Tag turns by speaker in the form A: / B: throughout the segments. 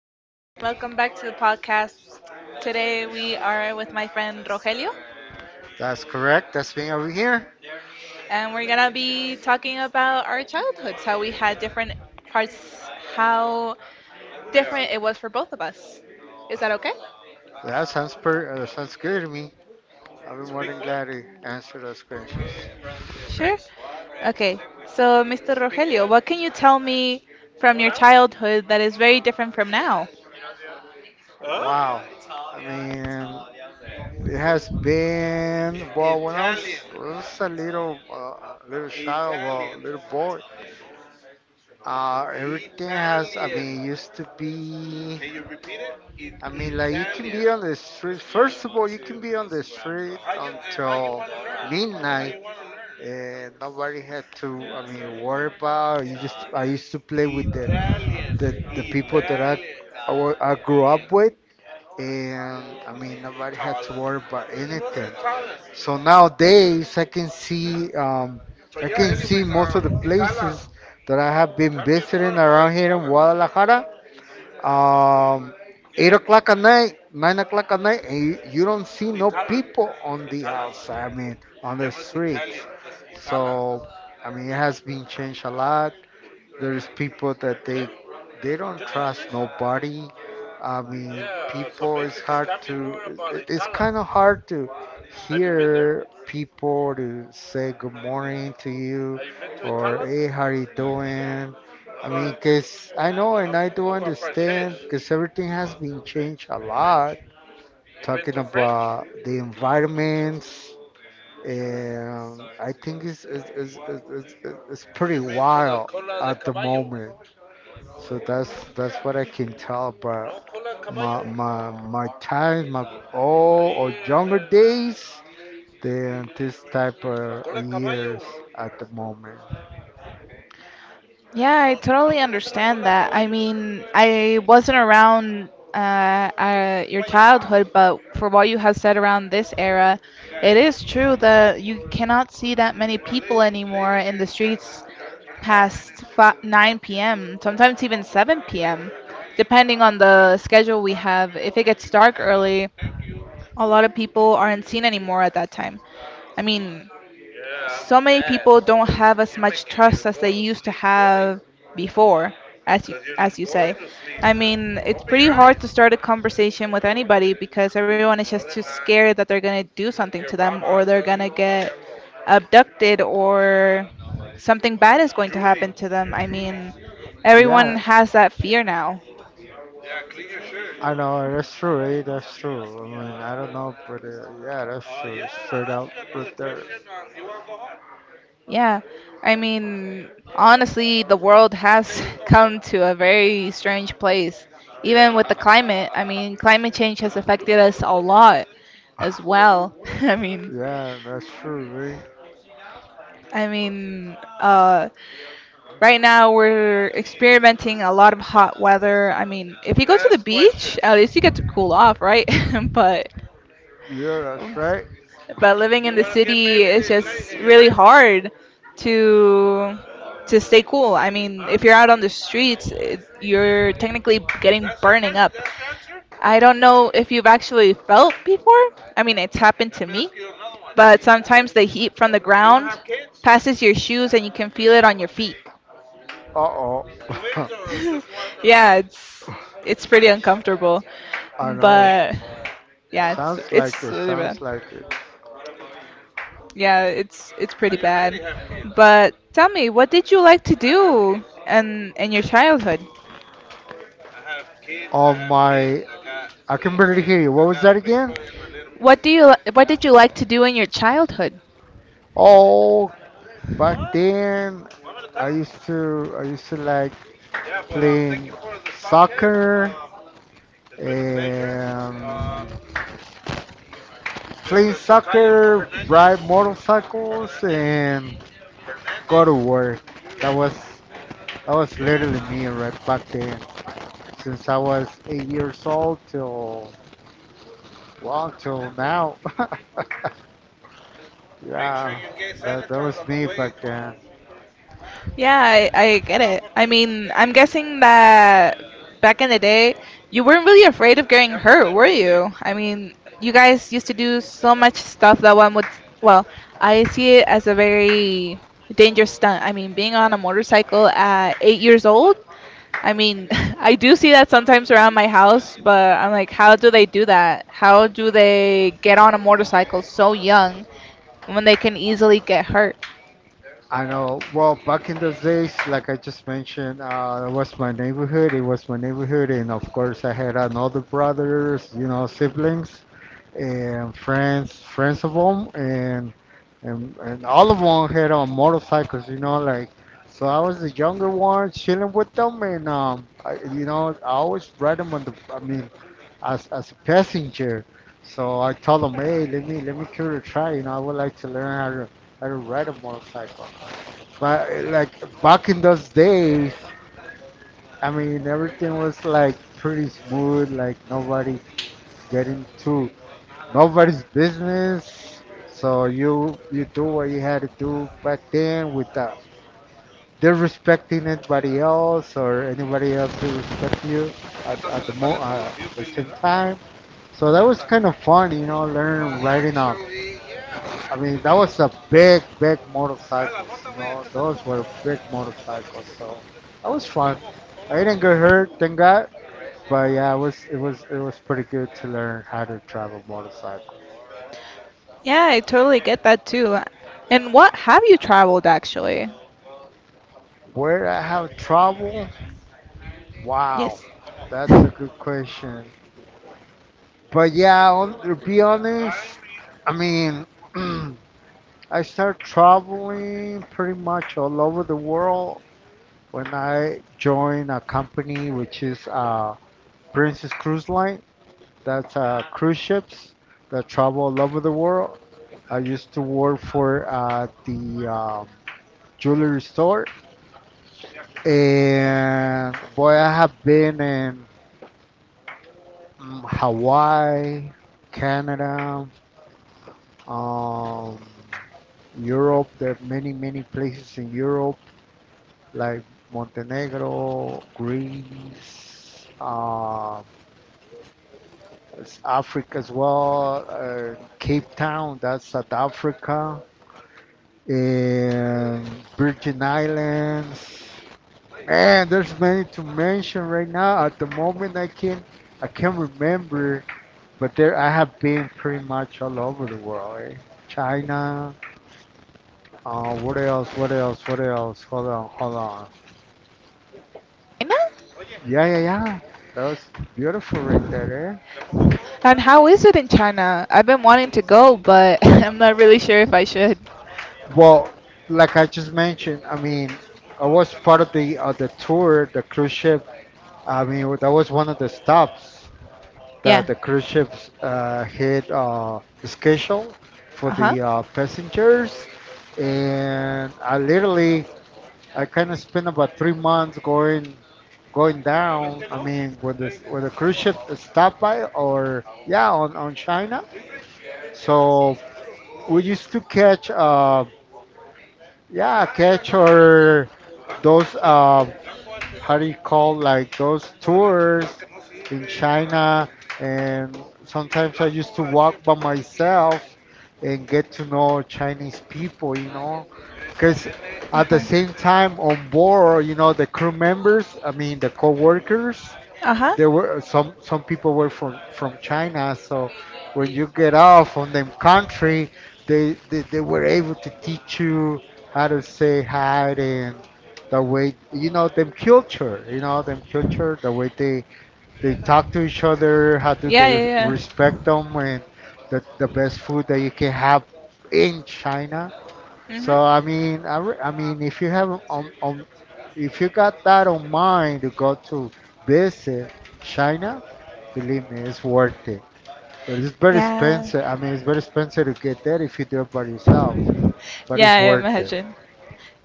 A: everyone. Welcome back to the podcast. Today we are with my friend Rogelio,
B: That's correct. That's me over here.
A: and we're gonna be talking about our childhoods, how we had different parts, how different it was for both of us. Is that okay?
B: That sounds per. That sounds good to me. I'll be more than glad to answer those questions.
A: Sure. Okay. So, Mr. Rogelio, what can you tell me from your childhood that is very different from now?
B: Wow. I mean, it has been well when I was a little little child, well, little boy. Everything has. I mean, It used to be. I mean, like you can be on the street. First of all, you can be on the street until midnight and nobody had to, I mean, worry about you. Just I used to play with the people that I grew up with, and I mean nobody had to worry about anything. So nowadays I can see, I can see most of the places that I have been visiting around here in Guadalajara, um, 8 o'clock at night, 9 o'clock at night, and you don't see no people on the outside. I mean, on the streets. So, I mean, it has been changed a lot. There's people that they don't trust nobody. I mean, people. It's kind of hard to hear people to say good morning to you or hey, how are you doing? I mean, cause I know and I do understand because everything has been changed a lot. Talking about the environments, and I think it's pretty wild at the moment. So that's what I can tell. But my time, my old or younger days, than this type of years at the moment.
A: Yeah, I totally understand that. I mean, I wasn't around your childhood, but for what you have said around this era, it is true that you cannot see that many people anymore in the streets past fi 9 p.m., sometimes even 7 p.m., depending on the schedule we have. If it gets dark early, a lot of people aren't seen anymore at that time. I mean, so many people don't have as much trust as they used to have before, as you say. I mean, it's pretty hard to start a conversation with anybody, because everyone is just too scared that they're going to do something to them, or they're going to get abducted, or something bad is going to happen to them. I mean,
B: Yeah,
A: everyone has that fear now.
B: I know that's true. Eh? That's true. I mean, I don't know, but yeah, that's true. Straight up right there.
A: Yeah, I mean, honestly, the world has come to a very strange place. Even with the climate, I mean, climate change has affected us a lot as well.
B: Yeah, that's true. Eh?
A: I mean, uh, right now we're experimenting a lot of hot weather. I mean, if you go to the beach, at least you get to cool off, right? But
B: Yeah, that's right.
A: But living in the city is just really hard to to stay cool. I mean, if you're out on the streets, you're technically getting burning up. I don't know if you've actually felt before. I mean, it's happened to me. But sometimes the heat from the ground passes your shoes and you can feel it on your feet.
B: Uh oh.
A: Yeah, it's pretty uncomfortable.
B: I know.
A: But yeah, it's
B: Sounds like
A: it's
B: it.
A: really bad.
B: Sounds like it.
A: Yeah, it's pretty bad. But tell me, what did you like to do in your childhood?
B: On my, I can barely hear you. What was that again?
A: What did you like to do in your childhood?
B: Oh, back then I used to like playing soccer and playing soccer, ride motorcycles, and go to work. That was, literally me right back then. Since I was 8 years old till, well, till now. Yeah. That was me back then.
A: Yeah, I get it. I mean, I'm guessing that back in the day, you weren't really afraid of getting hurt, were you? I mean, you guys used to do so much stuff that one would, well, I see it as a very dangerous stunt. I mean, being on a motorcycle at 8 years old, I mean, I do see that sometimes around my house, but I'm like, how do they do that? How do they get on a motorcycle so young when they can easily get hurt?
B: I know. Well, back in those days, like I just mentioned, it was my neighborhood. It was my neighborhood, and of course, I had another brothers, you know, siblings and friends of them, and all of them had on motorcycles, you know, like. So I was the younger one, chilling with them, and I, you know, I always ride them on the. I mean, as a passenger. So I told them, hey, let me give it a try. You know, I would like to learn how to ride a motorcycle. But like back in those days, I mean, everything was like pretty smooth. Like nobody's getting to nobody's business. So you do what you had to do back then without disrespecting anybody else or anybody else who respect you at the mo at the same time. So that was kind of fun, you know, learning riding up. I mean, that was a big, big motorcycles. You know, those were big motorcycles. So that was fun. I didn't get hurt, thank God. But yeah, it was it was pretty good to learn how to drive a motorcycle.
A: Yeah, I totally get that too. And what have you traveled actually?
B: Where I have trouble? Wow,
A: Yes.
B: that's a
A: China?
B: good question. But yeah, on, to be honest, I mean, I started traveling pretty much all over the world when I joined a company which is Princess Cruise Line. That's cruise ships that travel all over the world. I used to work for the jewelry store, and boy, I have been in Hawaii, Canada, um, Europe. There are many, many places in Europe like Montenegro, Greece, Africa as well, Cape Town, that's South Africa, and Virgin Islands. Man, there's many to mention right now. At the moment, I can't remember, but there I have been pretty much all over the world. Eh? China. What else? What else? What else? Hold on, hold on. Yeah, yeah, yeah. That was beautiful right there. Eh?
A: And how is it in China? I've been wanting to go, but I'm not really sure if I should.
B: Well, like I just mentioned, I mean, I was part of the tour, the cruise ship. I mean, that was one of the stops
A: Yeah.
B: that the cruise ships had schedule for the
A: Uh-huh.
B: passengers, and I literally I kind of spent about 3 months going down. I mean, when the cruise ship stopped by, or yeah, on China. So we used to catch, yeah, catch or those how do you call like those tours in China, and sometimes I used to walk by myself and get to know Chinese people, you know, because at the
A: Uh-huh.
B: same time on board, you know, the crew members, I mean the co-workers,
A: Uh-huh.
B: there were some people were from China, so when you get off on them country, they were able to teach you how to say hi, and the way you know them culture, you know them culture, the way they talk to each other, how do
A: Yeah,
B: they
A: yeah,
B: respect them, and the best food that you can have in China.
A: yeah.
B: So I
A: Mhm.
B: mean, I mean, if you have on if you got that on mind to go to visit China, believe me, it's worth it. But it's very
A: Yeah.
B: expensive. I mean, it's very expensive to get there if you do it by yourself. But
A: Yeah,
B: it's
A: I
B: worth it.
A: imagine.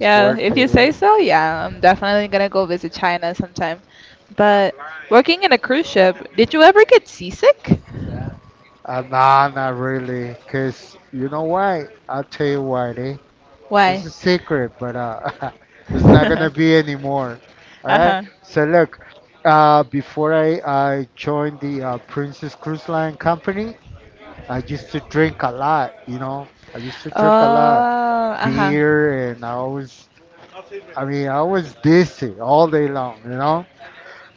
B: It's worth
A: if
B: it.
A: you say
B: Ew.
A: so, yeah, I'm definitely gonna go visit China sometime. But working in a cruise ship, did you ever get seasick?
B: Nah, not really. Cause you know why? I'll tell you why. Eh? It's
A: Why?
B: a secret, but it's not gonna be anymore. All right.
A: Uh-huh.
B: So look, before I joined the Princess Cruise Line Company, I used to drink a lot. You know, I used to drink a lot
A: Oh, uh-huh.
B: beer, and I mean, I was dizzy all day long, you know.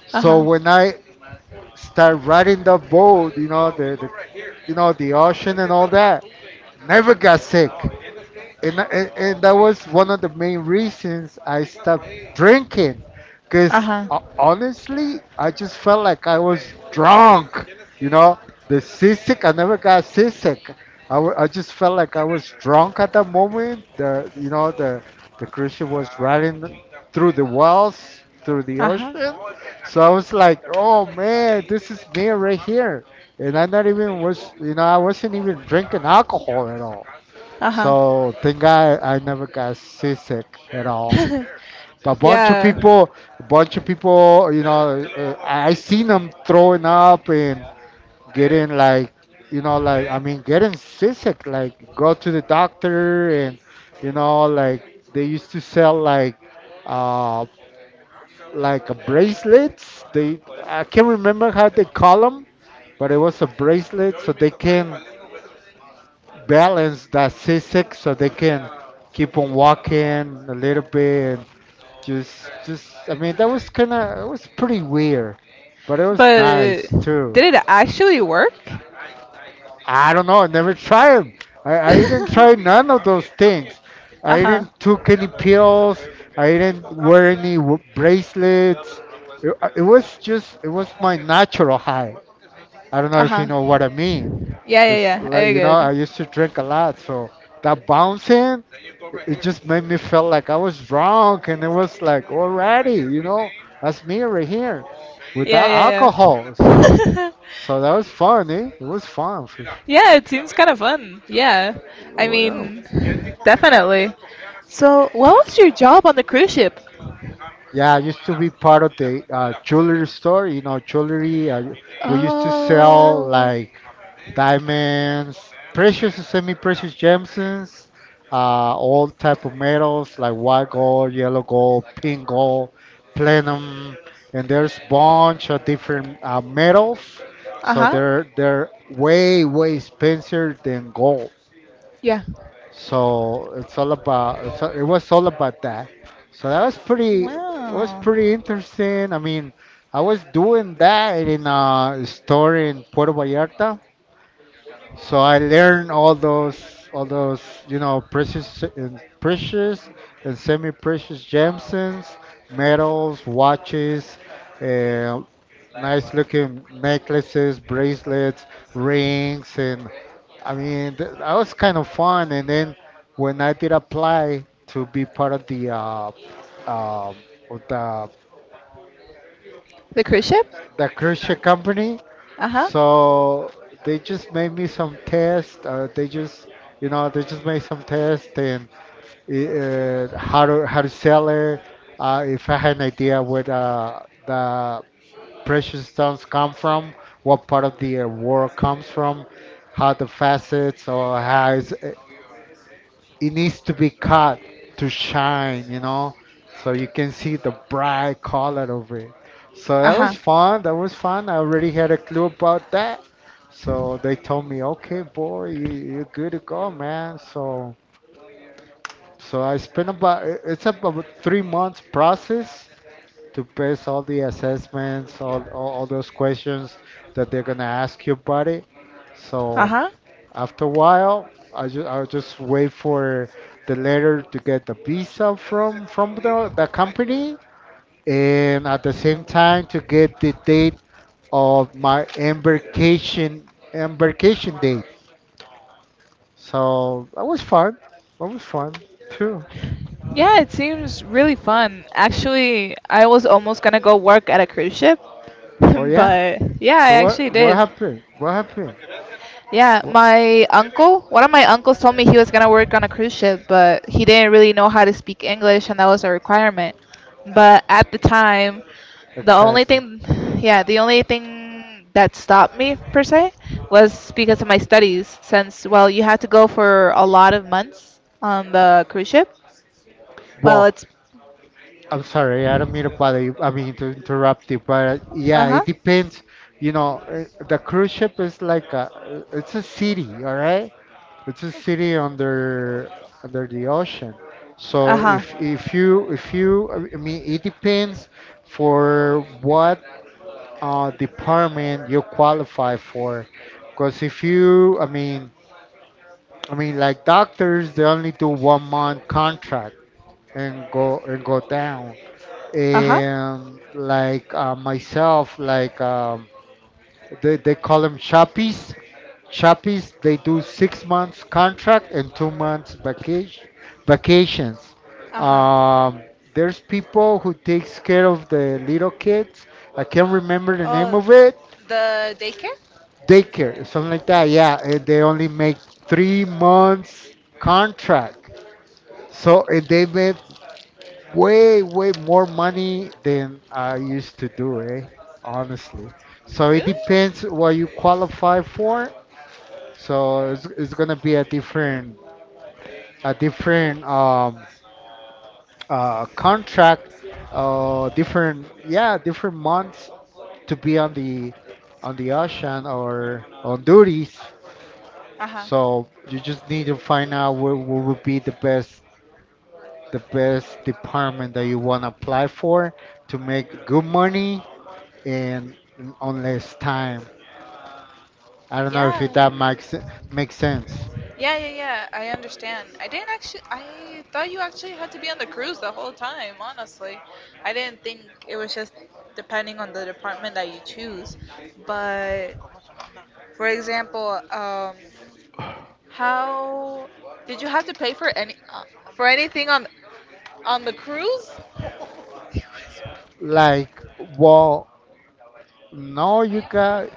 B: So
A: Uh-huh.
B: when I start riding the boat, you know, the you know the ocean and all that, never got sick, and that was one of the main reasons I stopped drinking, because
A: Uh-huh.
B: honestly, I just felt like I was drunk. You know, the seasick. I never got seasick. I just felt like I was drunk at that moment. The You know the cruise ship was riding through the walls, through the
A: Uh-huh.
B: ocean. So I was like, oh man, this is me right here. And I not even was, you know, I wasn't even drinking alcohol at all.
A: Uh-huh.
B: So thank God I never got seasick at all. But a bunch of
A: Yeah.
B: people, a bunch of people, you know, I seen them throwing up and getting like, you know, like I mean, getting seasick. Like go to the doctor and, you know, like they used to sell uh, like a bracelets. They I can't remember how they call them, but it was a bracelet so they can balance that C6 so they can keep on walking a little bit, and just I mean that was kind of, it was pretty weird, but it was
A: But
B: nice too.
A: did it actually work?
B: I don't know, I never tried 'em. I didn't try none of those things. I
A: Uh-huh.
B: didn't took any pills. I didn't wear any bracelets. It was just, it was my natural high. I don't know if you
A: Uh-huh.
B: know what I mean,
A: Yeah, yeah,
B: because
A: yeah.
B: like
A: I
B: you know
A: good.
B: I used to drink a lot, so that bouncing it just made me feel like I was drunk, and it was like already, you know, that's me right here
A: Yeah,
B: without
A: yeah,
B: alcohol. So
A: yeah.
B: so that was fun, eh? It was fun. For-
A: Yeah, it seems kind of fun. Yeah. I
B: Well,
A: mean, definitely. So, what was your job on the cruise ship?
B: yeah, I used to be part of the jewelry store, you know, jewelry. We used to sell
A: Oh.
B: like diamonds, precious and semi-precious gemstones, all type of metals like white gold, yellow gold, pink gold, platinum, and there's bunch of different metals. So
A: Uh-huh.
B: they're way way expensive than gold.
A: Yeah.
B: So it's all about it was all about that. So that was pretty, was
A: Wow.
B: pretty interesting. I mean, I was doing that in a store in Puerto Vallarta, so I learned all those, you know, precious and precious and semi-precious gemstones, metals, watches, uh, nice-looking necklaces, bracelets, rings, and I mean, that was kind of fun. And then when I did apply to be part um of
A: The cruise ship?
B: the cruise ship company,
A: Uh-huh.
B: so they just made me some test. They just, you know, they just made some test and how to sell it. If I had an idea where the precious stones come from, what part of the world comes from, how the facets or how it needs to be cut to shine, you know, so you can see the bright color of it. So
A: Uh
B: that
A: huh.
B: was fun. That was fun. I already had a clue about that. So they told me, okay, boy, you're good to go, man. So I spent about it's about 3 months process to pass all the assessments, all those questions that they're gonna ask you about it.
A: Uh
B: So
A: huh.
B: after a while, I just wait for the letter to get the visa from the company, and at the same time to get the date of my embarkation date. So that was fun. That was fun too.
A: Yeah, it seems really fun. Actually, I was almost gonna go work at a cruise ship,
B: Oh yeah.
A: but yeah, I
B: So
A: actually
B: what
A: did.
B: happened? What happened?
A: Yeah,
B: Well,
A: my uncle, one of my uncles told me he was gonna work on a cruise ship, but he didn't really know how to speak English, and that was a requirement. But at the time, the only
B: exactly.
A: thing, yeah, the only thing that stopped me per se was because of my studies, since, well, you have to go for a lot of months on the cruise ship. Well,
B: Well,
A: it's,
B: I'm sorry, I don't mean to bother you. I mean to interrupt you, but
A: uh
B: yeah,
A: huh.
B: it depends. You know, the cruise ship is like a, it's a city, all right? It's a city under the ocean. So
A: Ajá,
B: if you, I mean, it depends for what department you qualify for. Because if you, I mean, like doctors, they only do 1 month contract and go down
A: ajá.
B: and like myself, they call them chappies. Chappies, they do 6 months contract and 2 months vacations.
A: Ajá.
B: Um, there's people who takes care of the little kids. I can't remember the name
A: Oh,
B: of it.
A: the daycare?
B: Daycare, something like that. Yeah, and they only make 3 months contract. So and they made way more money than I used to do, eh? Honestly. So it
A: Really?
B: depends what you qualify for. So it's gonna be a different a different contract, different months to be on the ocean or on duties.
A: Ajá.
B: So you just need to find out what would be the best department that you wanna apply for to make good money in on less time. I don't know if that
A: Yeah.
B: makes makes sense.
A: Yeah, yeah, yeah. I understand. I didn't actually. I thought you actually had to be on the cruise the whole time. Honestly, I didn't think it was just depending on the department that you choose. But for example, how did you have to pay for any for anything on the cruise?
B: Like, well, no, you got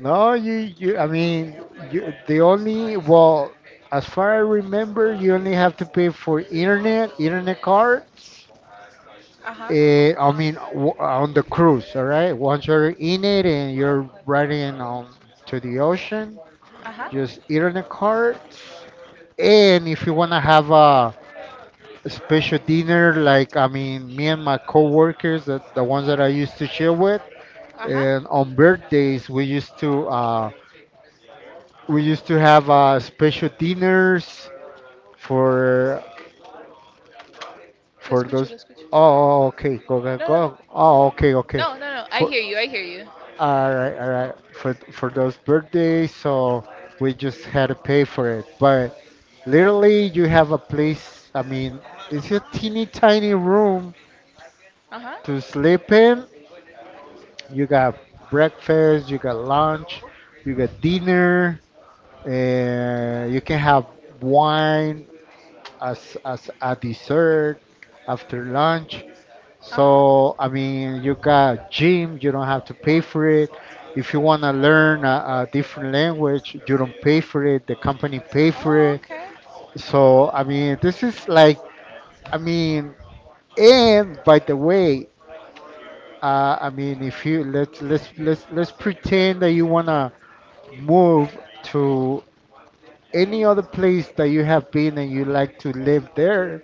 B: no, you, you. I mean, you, the only well, as far I remember, you only have to pay for internet cards.
A: Uh huh.
B: I mean, on the cruise, all right. Once you're in it and you're riding on to the ocean,
A: Uh huh.
B: just internet cards. And if you wanna have a special dinner, like I mean me and my coworkers, that the ones that I used to chill with
A: Uh huh.
B: and on birthdays we used to have special dinners for
A: Lo
B: for
A: escucho, lo
B: those
A: escucho.
B: oh, okay, go go
A: No, no, no, no,
B: go, oh
A: no,
B: okay okay,
A: no, no, no, I
B: for
A: hear you. I hear you.
B: all right for those birthdays. So we just had to pay for it, but literally you have a place. I mean, it's a teeny tiny room
A: Uh huh.
B: to sleep in. You got breakfast, you got lunch, you got dinner, and you can have wine as a dessert after lunch.
A: Uh huh.
B: So I mean, you got gym, you don't have to pay for it. If you want to learn a different language, you don't pay for it. The company pay for
A: Oh,
B: it.
A: okay.
B: So I mean, this is like, I mean, and by the way, I mean, if you, let's pretend that you wanna move to any other place that you have been and you like to live there,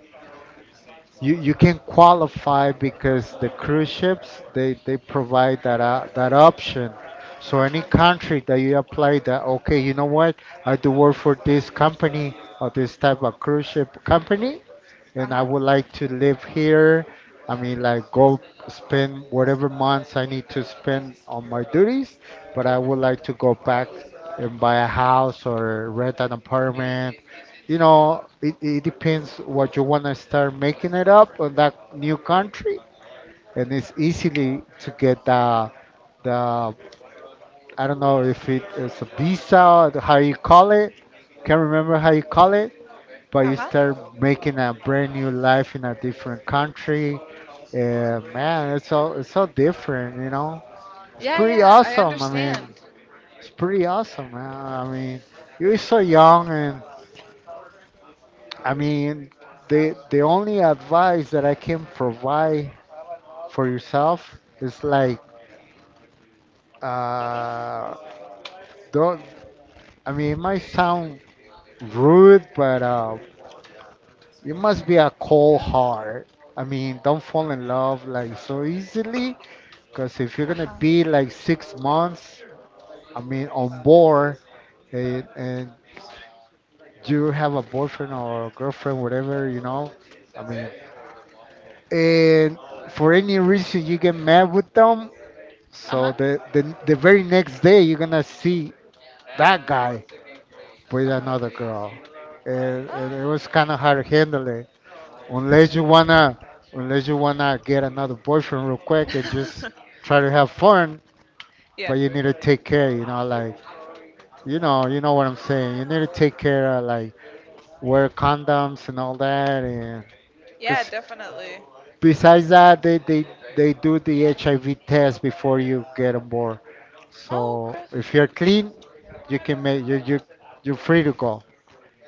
B: you can qualify because the cruise ships they provide that option. So
A: Uh
B: any
A: huh.
B: country that you apply that okay, you know what? I do work for this company or this type of cruise ship company
A: Uh
B: and I
A: huh.
B: would like to live here. I mean, like go spend whatever months I need to spend on my duties, but I would like to go back and buy a house or rent an apartment. You know, it depends what you want to start making it up on that new country, and it's easily to get the I don't know if it is a visa or how you call it. Can't remember how you call it, but
A: Uh
B: you
A: huh.
B: start making a brand new life in a different country. Yeah, man, it's so different, you know. It's
A: Yeah,
B: pretty
A: yeah. I
B: awesome. I mean,
A: understand.
B: it's pretty awesome, man. I mean, you're so young, and I mean, the only advice that I can provide for yourself is like, uh, don't. I mean, it might sound rude, but you must be a cold heart. I mean, don't fall in love like so easily, because if you're
A: Uh
B: gonna be
A: huh.
B: like 6 months, I mean, on board. And you have a boyfriend or girlfriend, whatever, you know. I mean, and for any reason you get mad with them,
A: Uh huh.
B: so the very next day you're gonna see that guy with
A: Uh
B: another girl,
A: huh.
B: and it was kind of
A: Oh.
B: hard to handle it. Unless you wanna, unless you wanna get another boyfriend real quick and just try to have fun,
A: yeah.
B: but you need to take care, you know, like, you know what I'm saying. You need to take care of like wear condoms and all that. And
A: Yeah,
B: because
A: definitely.
B: besides that, they do the HIV test before you get on board.
A: Oh,
B: So
A: okay.
B: if you're clean, you can make you're free to go.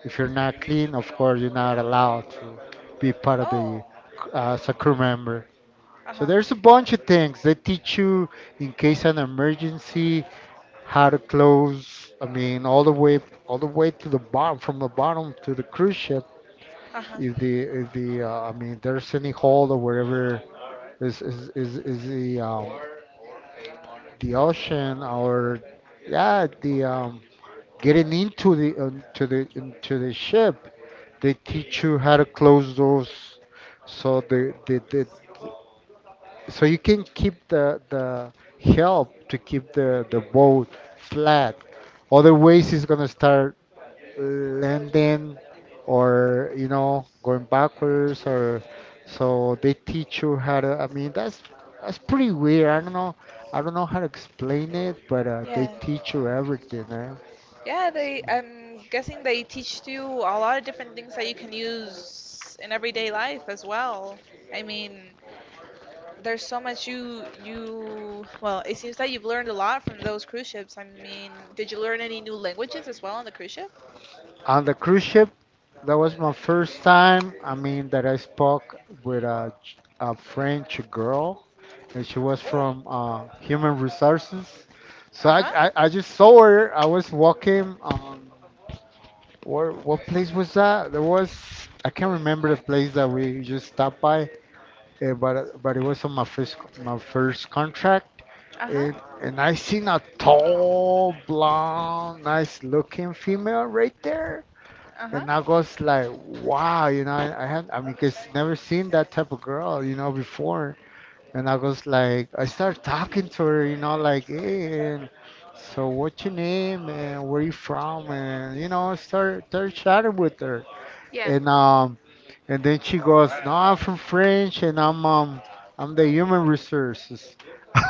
B: If you're not clean, of course, you're not allowed to be part of
A: Oh.
B: the as a crew member.
A: Uh
B: So
A: huh.
B: there's a bunch of things they teach you in case of an emergency, how to close. I mean, all the way to the bottom, from the bottom to the cruise ship.
A: Uh-huh.
B: If the I mean, there's any hole or wherever is the ocean or yeah the getting into the to the into the ship. They teach you how to close those, so the, so you can keep the help to keep the boat flat. Otherwise, it's gonna start landing, or you know, going backwards. Or so they teach you how to, I mean, that's pretty weird. I don't know, I don't know how to explain it, but they
A: Yeah.
B: teach you everything, eh?
A: Yeah, they I'm guessing they teach you a lot of different things that you can use in everyday life as well. I mean, there's so much you well, it seems that you've learned a lot from those cruise ships. I mean, did you learn any new languages as well on the cruise ship?
B: On the cruise ship, that was my first time, I mean, that I spoke with a French girl, and she was from human resources. So
A: Uh-huh.
B: I just saw her. I was walking on. Where, what place was that? There was, I can't remember the place that we just stopped by, but it was on my first contract,
A: Uh-huh.
B: and and I seen a tall, blonde, nice looking female right there,
A: Uh-huh.
B: and I was like, wow, you know, I had, I mean, cause never seen that type of girl, you know, before, and I was like, I started talking to her, you know, like, hey, and so what's your name and where you from, and you know, start chatting with her.
A: Yeah.
B: And and then she goes, "No, I'm from French, and I'm the human resources."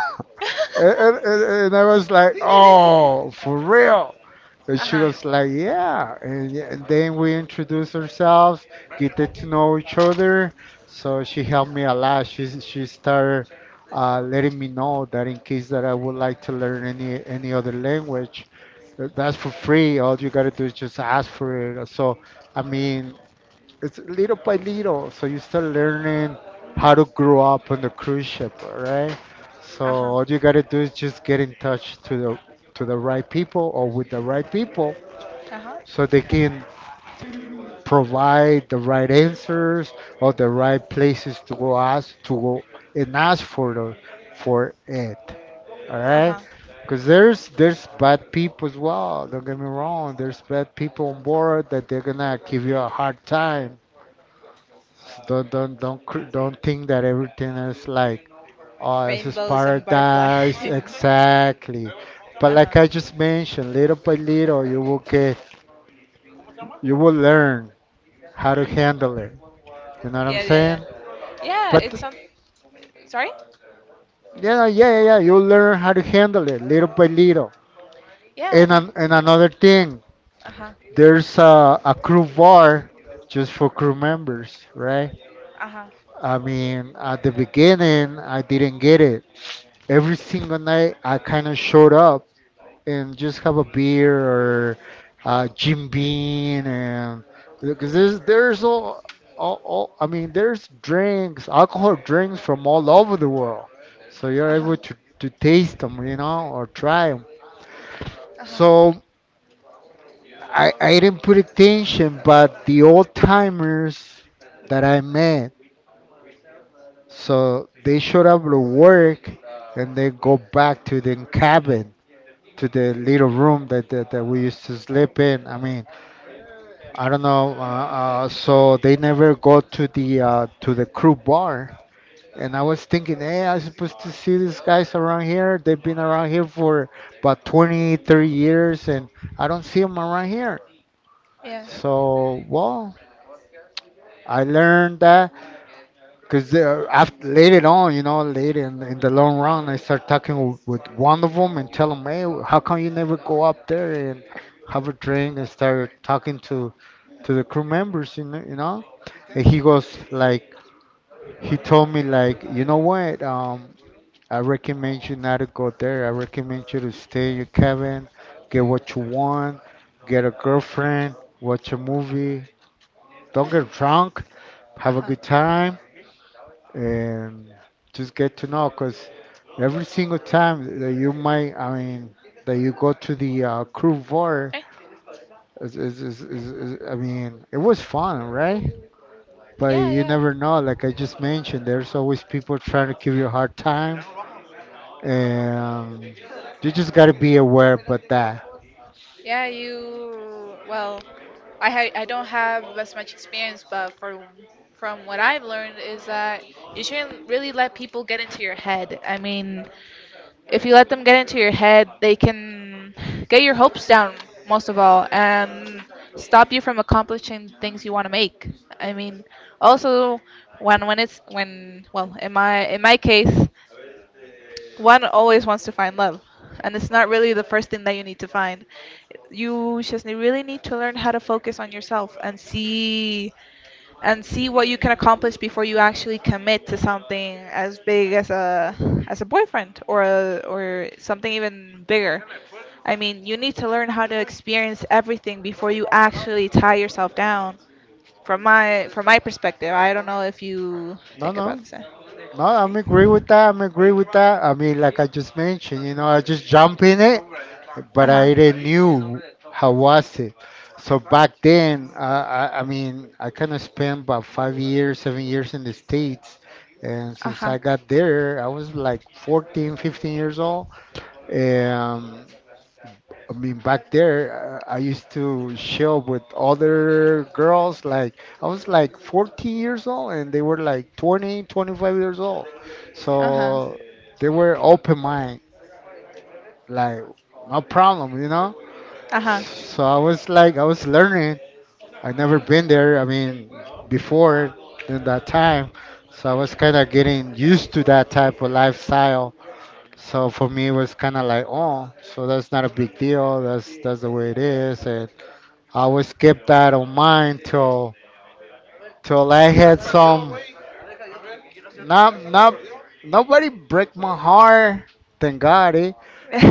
B: and, and I was like, "Oh, for real?" And
A: Uh
B: she
A: huh.
B: was like, "Yeah." And, and then we introduced ourselves, get to know each other. So she helped me a lot. She started letting me know that in case that I would like to learn any other language, that's for free. All you gotta do is just ask for it. So I mean, it's little by little. So you start learning how to grow up on the cruise ship, right? So
A: Uh huh.
B: all you gotta do is just get in touch to the right people, or with the right people,
A: Uh huh. So
B: so they can provide the right answers or the right places to go ask, to go and ask for the for it. All
A: Uh
B: right.
A: huh.
B: Because there's bad people as well. Don't get me wrong. There's bad people on board that they're gonna give you a hard time. So don't think that everything is like, oh, this is
A: Rainbows and butterflies.
B: paradise, exactly. But
A: uh huh.
B: like I just mentioned, little by little you will get, you will learn how to handle it. You know what I'm
A: Yeah, yeah, yeah.
B: saying?
A: Yeah,
B: But
A: it's some. Sorry.
B: you know, yeah, yeah, yeah. You learn how to handle it little by little.
A: Yeah.
B: And another thing,
A: Uh huh.
B: there's a crew bar just for crew members, right?
A: Uh huh.
B: I mean, at the beginning, I didn't get it. Every single night, I kind of showed up and just have a beer or Jim Bean, and because there's all, all, I mean, there's drinks, alcohol drinks from all over the world, so
A: Uh
B: you're
A: huh.
B: able to taste them, you know, or try them.
A: Uh huh. So
B: So I didn't put attention, but the old timers that I met, so they showed up to work and they go back to the cabin, to the little room that we used to sleep in. I mean, I don't know. So they never go to the crew bar. And I was thinking, hey, I'm supposed to see these guys around here. They've been around here for about 20, 30 years, and I don't see them around here.
A: Yeah.
B: So, well, I learned that, because after, later on, you know, later in the long run, I start talking with one of them and tell them, hey, how come you never go up there and have a drink and start talking to the crew members, And he goes like, he told me like, you know what? I recommend you not to go there. I recommend you to stay in your cabin, get what you want, get a girlfriend, watch a movie, don't get drunk, have a
A: Uh-huh.
B: good time, and just get to know, because every single time that you might, I mean, that you go to the crew bar,
A: Eh?
B: I mean, it was fun, right? But
A: Yeah,
B: you
A: yeah.
B: never know. Like I just mentioned, there's always people trying to give you a hard time, and you just gotta be aware about that.
A: Yeah, you well, I don't have as much experience, but for from what I've learned is that you shouldn't really let people get into your head. I mean, if you let them get into your head, they can get your hopes down most of all and stop you from accomplishing things you want to make. I mean, also when well, in my case, one always wants to find love, and it's not really the first thing that you need to find. You just really need to learn how to focus on yourself and see what you can accomplish before you actually commit to something as big as a boyfriend, or something even bigger. I mean, you need to learn how to experience everything before you actually tie yourself down. From my perspective, I don't know if you
B: No,
A: think about
B: no.
A: this. Uh
B: No, I'm agree with that. I'm agree with that. I mean, like I just mentioned, you know, I just jumped in it, but
A: huh.
B: I didn't knew how was it. So back then, I kind of spent about 5 years, 7 years in the States. And
A: Uh
B: since
A: huh.
B: I got there, I was like 14, 15 years old. Um, I mean, back there, I used to chill with other girls. Like, I was like 14 years old and they were like 20, 25 years old.
A: Uh-huh.
B: So they were open mind, like, no problem, you know?
A: Uh-huh.
B: So I was like, I was learning. I never been there, I mean, before in that time. So I was kind of getting used to that type of lifestyle. So for me, it was kind of like, oh, so that's not a big deal. That's the way it is, and I always kept that on mind till till I had some, not not nobody break my heart, thank God, eh?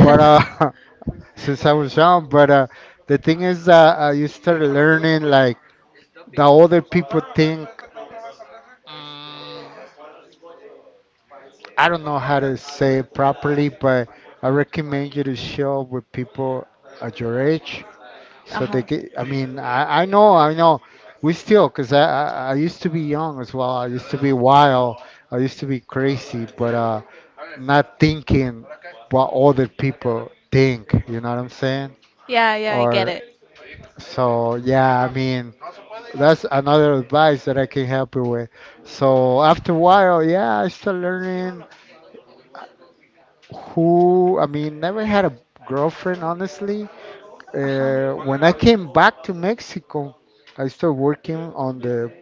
B: But since I was young, but the thing is, that you start learning like the other people think. Mm, I don't know how to say it properly, but I recommend you to show up with people at your age, so
A: Uh-huh.
B: they get, I mean, I know. We still, because I used to be young as well. I used to be wild. I used to be crazy, but not thinking what other people think. You know what I'm saying?
A: Yeah, yeah, I get
B: Or,
A: it.
B: so yeah, I mean, that's another advice that I can help you with. So after a while, yeah, I started learning who, I mean, never had a girlfriend, honestly.
A: Uh-huh.
B: When I came back to Mexico, I started working on the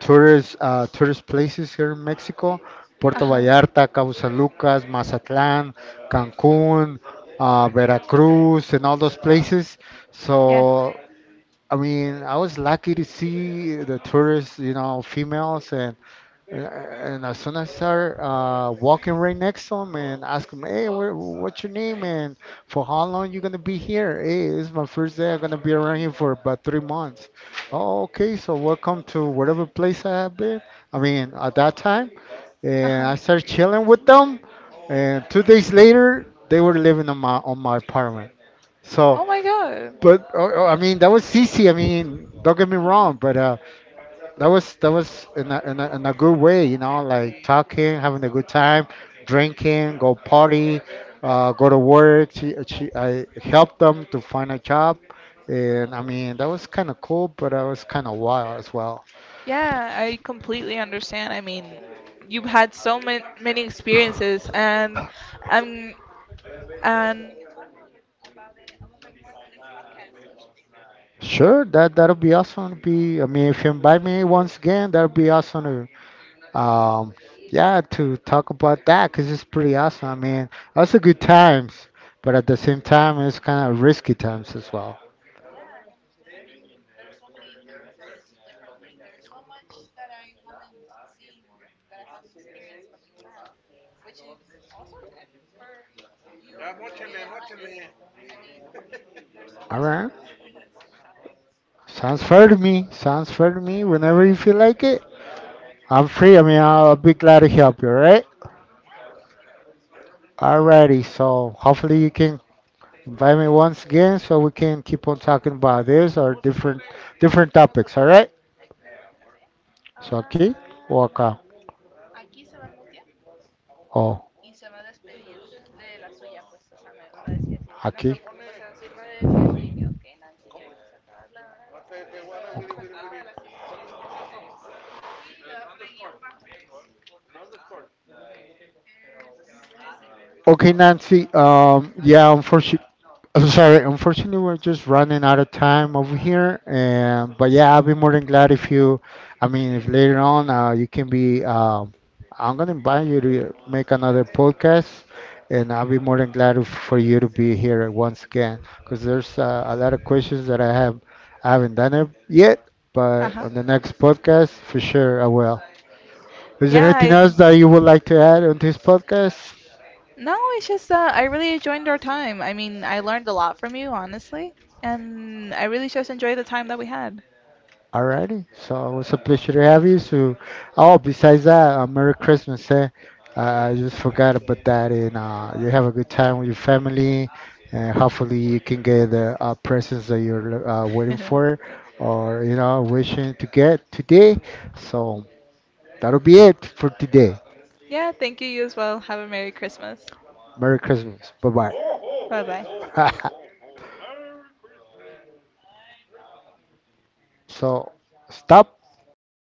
B: tourist tourist places here in Mexico: Puerto
A: Uh-huh.
B: Vallarta, Cabo San Lucas, Mazatlán, Cancún, Veracruz, and all those places.
A: Yeah.
B: So I mean, I was lucky to see the tourists, you know, females, and and as soon as I start walking right next to them and ask them, hey, where, what's your name, and for how long you gonna be here? Hey, this is my first day. I'm gonna be around here for about 3 months. Oh, okay. So welcome to whatever place I have been. I mean, at that time, and I
A: Uh-huh.
B: started chilling with them. And 2 days later, they were living on my apartment. So.
A: Oh my god.
B: But oh, oh, I mean, that was CC. I mean, don't get me wrong, but that was in a good way, you know, like talking, having a good time, drinking, go party, go to work. I helped them to find a job, and I mean, that was kind of cool, but that was kind of wild as well.
A: Yeah, I completely understand. I mean, you've had so many many experiences, and I'm uh
B: Sure, that'll be awesome to be. I mean, if you invite me once again, that'll be awesome, um, yeah, to talk about that because it's pretty awesome. I mean, also good times, but at the same time, it's kind of risky times as well. All right. Sounds fair to me. Sounds fair to me. Whenever you feel like it, I'm free. I mean, I'll be glad to help you, all right? Alrighty. So hopefully you can invite me once again so we can keep on talking about this or different different topics, all right? So, okay? Welcome. Oh, okay, Nancy. Yeah, unfortunately, I'm sorry. Unfortunately, we're just running out of time over here. And but yeah, I'll be more than glad if you, I mean, if later on you can be. I'm gonna invite you to make another podcast, and I'll be more than glad if, for you to be here once again, because there's a lot of questions that I have. I haven't done it yet, but
A: uh-huh.
B: on the next podcast, for sure, I will. Is there
A: Yeah,
B: anything
A: I
B: else that you would like to add on this podcast?
A: No, it's just I really enjoyed our time. I mean, I learned a lot from you, honestly, and I really just enjoyed the time that we had.
B: Alrighty, so it was a pleasure to have you. So, oh, besides that, Merry Christmas, eh? I just forgot about that, and you have a good time with your family, and hopefully you can get the presents that you're waiting for, or you know, wishing to get today. So that'll be it for today.
A: Yeah, thank you. You as well. Have a Merry Christmas.
B: Merry Christmas. Bye
A: Bye bye.
B: bye. So stop. Boom.